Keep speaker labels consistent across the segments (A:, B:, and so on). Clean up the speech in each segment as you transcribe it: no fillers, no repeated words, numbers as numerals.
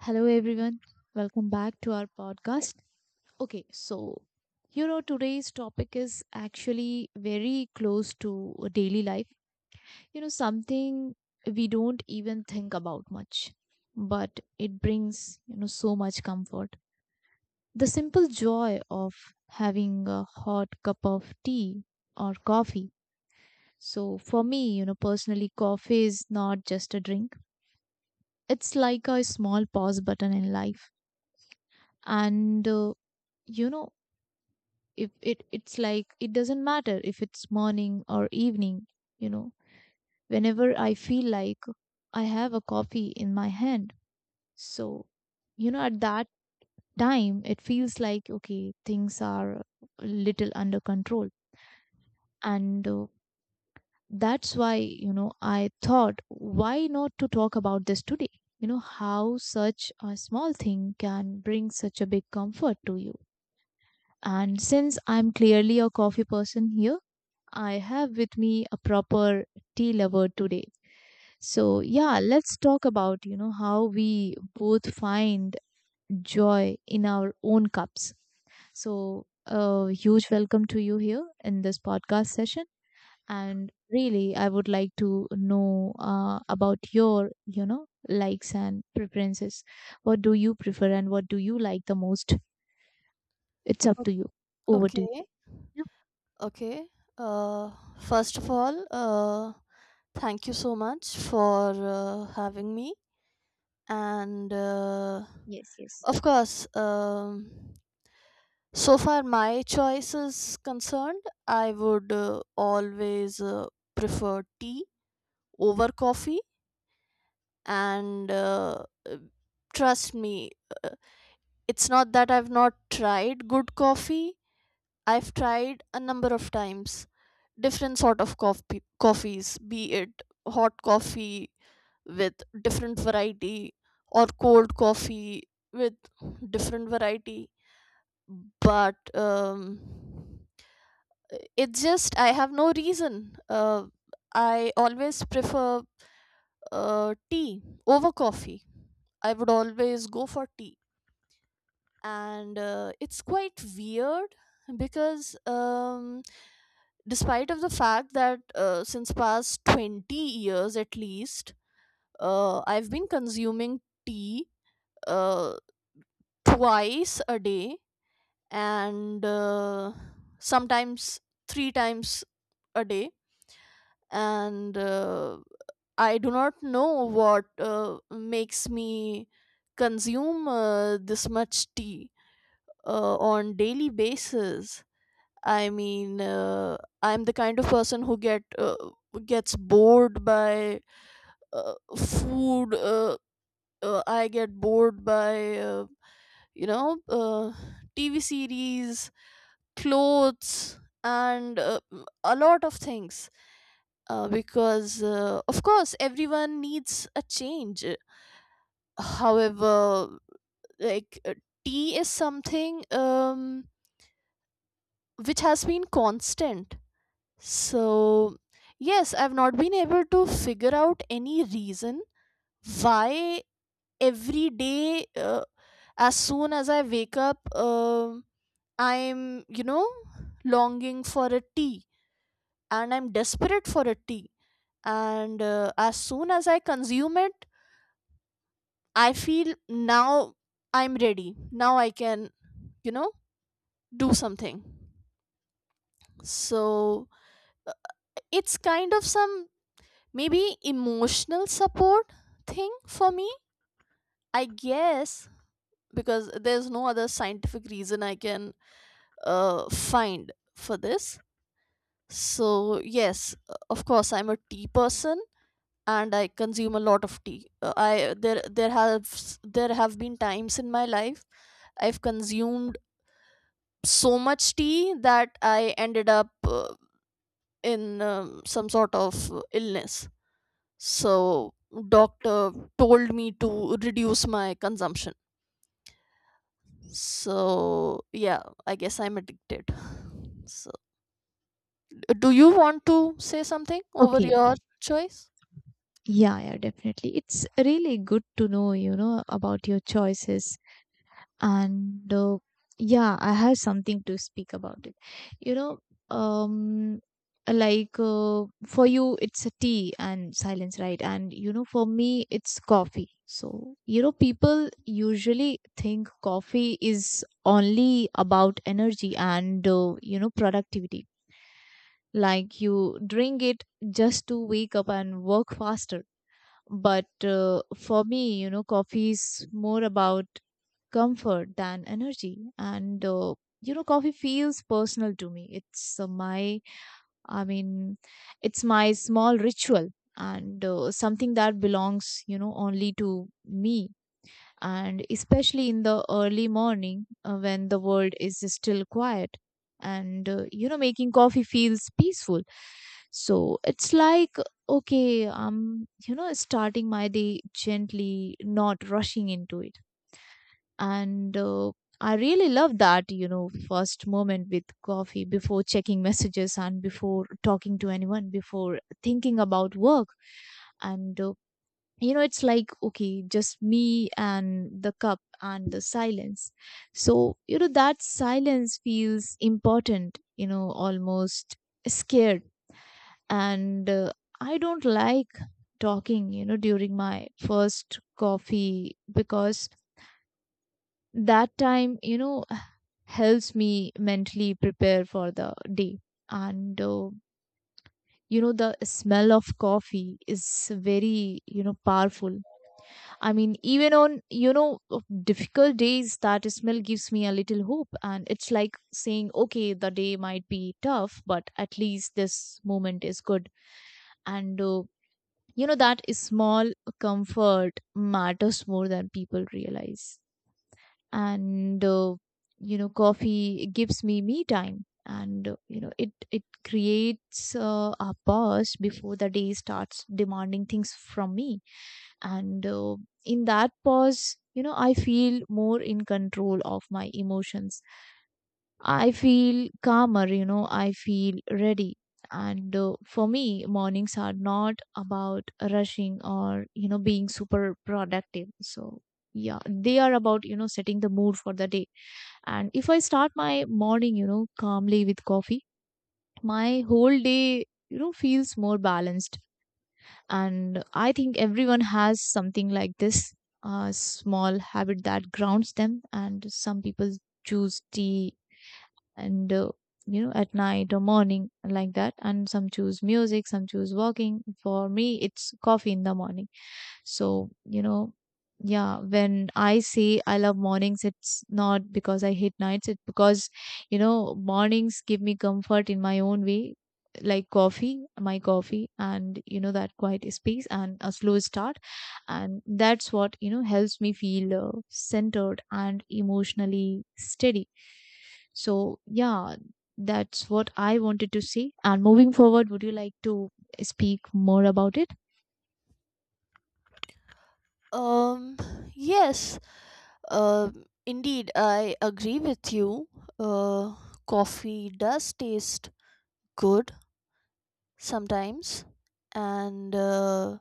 A: Hello, everyone. Welcome back to our podcast. Okay, so today's topic is actually very close to daily life. Something we don't even think about much, but it brings, so much comfort. The simple joy of having a hot cup of tea or coffee. So, for me, personally, coffee is not just a drink, it's like a small pause button in life. And you know if it's like, it doesn't matter if it's morning or evening, you know whenever I feel like I have a coffee in my hand. So at that time, it feels like, okay, things are a little under control. And that's why I thought, why not to talk about this today, how such a small thing can bring such a big comfort to you. And since I'm clearly a coffee person here, I have with me a proper tea lover today. So, yeah, let's talk about, how we both find joy in our own cups. So, a huge welcome to you here in this podcast session. And really, I would like to know about your, likes and preferences. What do you prefer and what do you like the most? It's up
B: O
A: to you. Over to you.
B: okay,
A: Yeah.
B: okay. Uh, First of all, thank you so much for having me. And
A: Yes, yes.
B: Of course, so far my choice is concerned, I would always prefer tea over coffee. And Trust me, it's not that I've not tried good coffee. I've tried a number of times different sort of coffees, be it hot coffee with different variety or cold coffee with different variety. But It's just I have no reason. I always prefer tea over coffee. I would always go for tea. And it's quite weird because despite of the fact that since past 20 years at least I've been consuming tea uh, twice a day, and sometimes three times a day. And I do not know what makes me consume this much tea on daily basis. I mean, I'm the kind of person who gets bored by food. I get bored by you know uh, TV series, clothes, and a lot of things. Because of course everyone needs a change. However, like uh, tea is something which has been constant. So, yes, I've not been able to figure out any reason why every day, as soon as I wake up, I'm, you know, longing for a tea and I'm desperate for a tea. And as soon as I consume it, I feel now I'm ready. Now I can, you know, do something. So, uh, it's kind of some maybe emotional support thing for me, I guess, because there's no other scientific reason I can find for this. So yes, of course I'm a tea person, and I consume a lot of tea. I there there have been times in my life I've consumed so much tea that I ended up uh, in some sort of illness. So doctor told me to reduce my consumption. So yeah, I guess I'm addicted. So, do you want to say something over
A: Okay.
B: your choice?
A: Yeah, yeah, definitely. It's really good to know, about your choices. And yeah, I have something to speak about it. You know, um, like, for you, it's a tea and silence, right? And for me, it's coffee. So, people usually think coffee is only about energy and, productivity. Like you drink it just to wake up and work faster, but for me, coffee is more about comfort than energy. And, coffee feels personal to me. It's my, I mean, it's my small ritual, and something that belongs, only to me. And especially in the early morning, when the world is still quiet, and making coffee feels peaceful. So it's like, okay, I'm starting my day gently, not rushing into it. And I really love that first moment with coffee, before checking messages, and before talking to anyone, before thinking about work. And it's like, okay, just me and the cup and the silence. So that silence feels important, almost scared. And I don't like talking during my first coffee, because that time helps me mentally prepare for the day. And the smell of coffee is very, powerful. I mean, even on, of difficult days, that smell gives me a little hope. And it's like saying, okay, the day might be tough, but at least this moment is good. And, that small comfort matters more than people realize. And, coffee gives me me time. And, it creates a pause before the day starts demanding things from me. And in that pause, I feel more in control of my emotions. I feel calmer, I feel ready. And for me, mornings are not about rushing, or being super productive. So yeah, they are about setting the mood for the day. And if I start my morning calmly with coffee, my whole day feels more balanced. And I think everyone has something like this, small habit that grounds them. And some people choose tea, and at night or morning like that, and some choose music, some choose walking. For me, it's coffee in the morning. So, yeah, when I say I love mornings, it's not because I hate nights, it's because, mornings give me comfort in my own way, like coffee, my coffee, and, that quiet space and a slow start. And that's what, helps me feel centered and emotionally steady. So, yeah, that's what I wanted to say. And moving forward, would you like to speak more about it?
B: um yes, uh, indeed I agree with you. uh, Coffee does taste good sometimes. And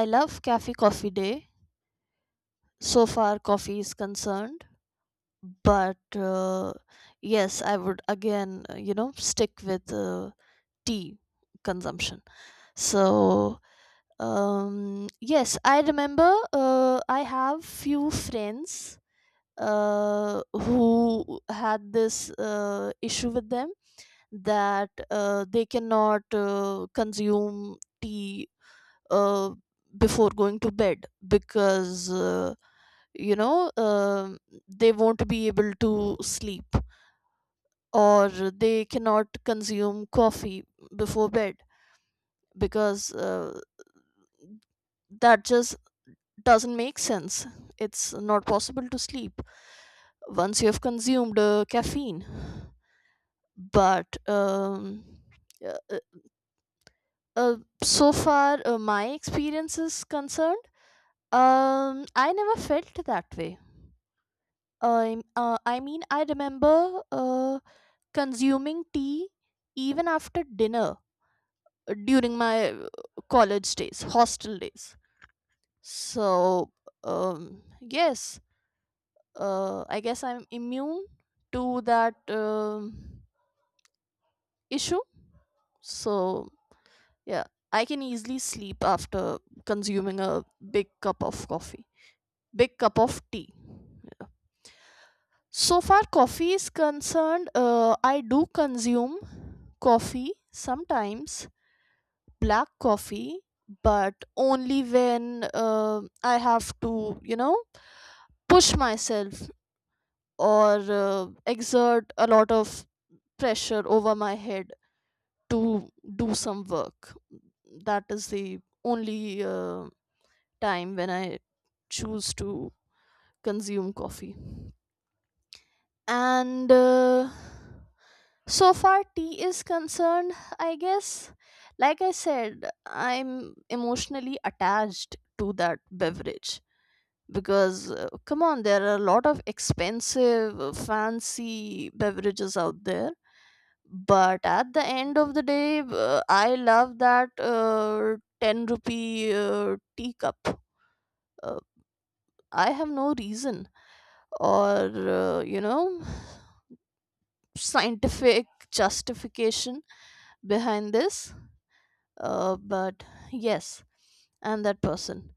B: I love Cafe Coffee Day, so far coffee is concerned. But yes, I would again, stick with tea consumption. So yes, I remember I have few friends who had this issue with them, that they cannot consume tea uh, before going to bed because you know um they won't be able to sleep, or they cannot consume coffee before bed because that just doesn't make sense. It's not possible to sleep once you have consumed caffeine. But uh, uh, uh, so far, my experience is concerned, I never felt that way. I mean, I remember consuming tea even after dinner during my college days, hostel days. So, yes, I guess I'm immune to that issue. So, yeah, I can easily sleep after consuming a big cup of coffee, big cup of tea. Yeah. So far, coffee is concerned, I do consume coffee sometimes, black coffee, but only when I have to, you know, push myself or exert a lot of pressure over my head to do some work. That is the only time when I choose to consume coffee. And so far tea is concerned, I guess, like I said, I'm emotionally attached to that beverage. Because come on, there are a lot of expensive fancy beverages out there, but at the end of the day I love that 10 rupee teacup. uh, I have no reason or uh, you know scientific justification behind this. But yes, I'm that person.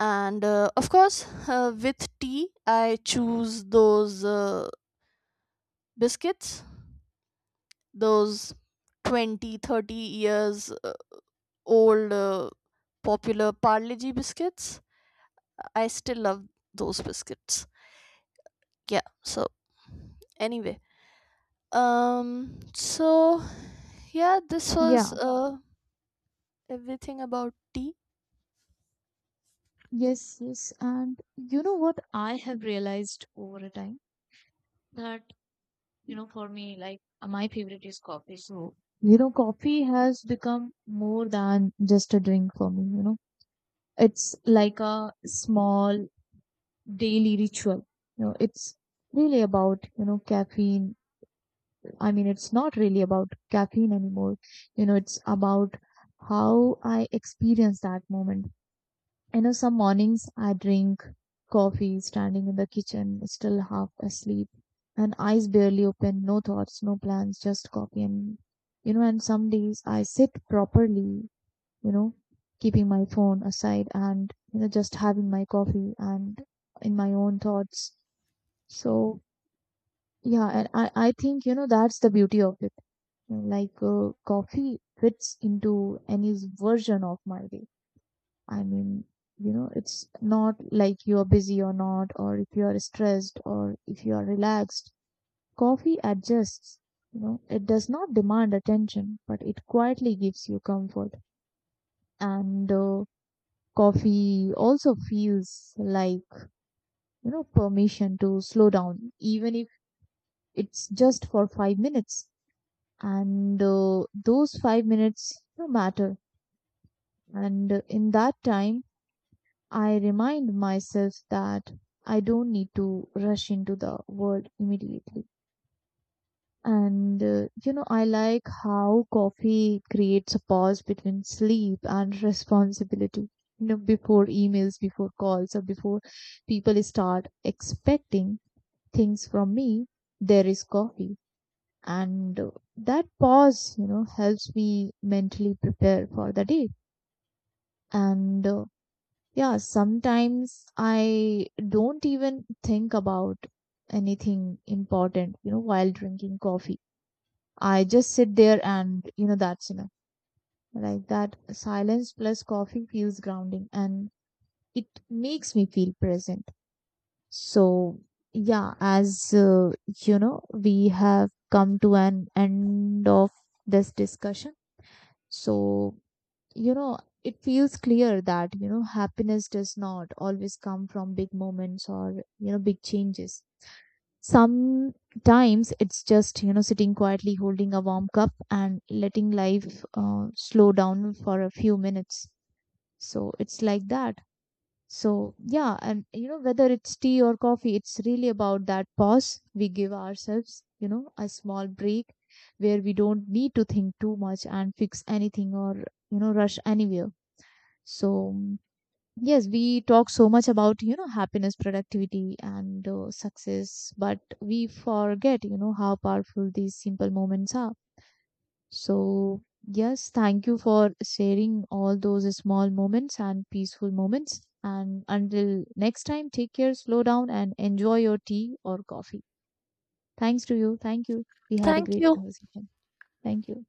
B: And of course, with tea I choose those biscuits, those 20, 30 years old popular Parle G biscuits. I still love those biscuits. Yeah. So anyway, so yeah, this was
A: Yeah.
B: everything about tea.
A: Yes, yes. And you know what I have realized over a time, that, for me, like my favorite is coffee. So, coffee has become more than just a drink for me. It's like a small daily ritual. It's really about, caffeine. I mean, it's not really about caffeine anymore. It's about how I experience that moment. Some mornings I drink coffee standing in the kitchen, still half asleep, and eyes barely open, no thoughts, no plans, just coffee. And some days I sit properly, you know, keeping my phone aside, and, just having my coffee and in my own thoughts. So, yeah, and I think, that's the beauty of it. Like, coffee fits into any version of my day. I mean, it's not like you're busy or not, or if you are stressed or if you are relaxed. Coffee adjusts, it does not demand attention, but it quietly gives you comfort. And coffee also feels like, permission to slow down, even if it's just for 5 minutes. And those 5 minutes, matter. And in that time, I remind myself that I don't need to rush into the world immediately. And I like how coffee creates a pause between sleep and responsibility. Before emails, before calls, or before people start expecting things from me, there is coffee. And that pause, helps me mentally prepare for the day. And yeah, sometimes I don't even think about anything important, while drinking coffee. I just sit there, and, that's enough. Like that silence plus coffee feels grounding, and it makes me feel present. So, yeah, as we have come to an end of this discussion. So, it feels clear that happiness does not always come from big moments, or big changes. Sometimes it's just sitting quietly, holding a warm cup, and letting life slow down for a few minutes. So it's like that. So yeah, and whether it's tea or coffee, it's really about that pause we give ourselves, a small break, where we don't need to think too much, and fix anything, or rush anywhere. So yes, we talk so much about happiness, productivity, and success, but we forget how powerful these simple moments are. So yes, thank you for sharing all those small moments and peaceful moments. And until next time, take care, slow down, and enjoy your tea or coffee. Thanks to you. Thank you. We had a
B: Thank
A: great
B: you.
A: conversation. Thank you.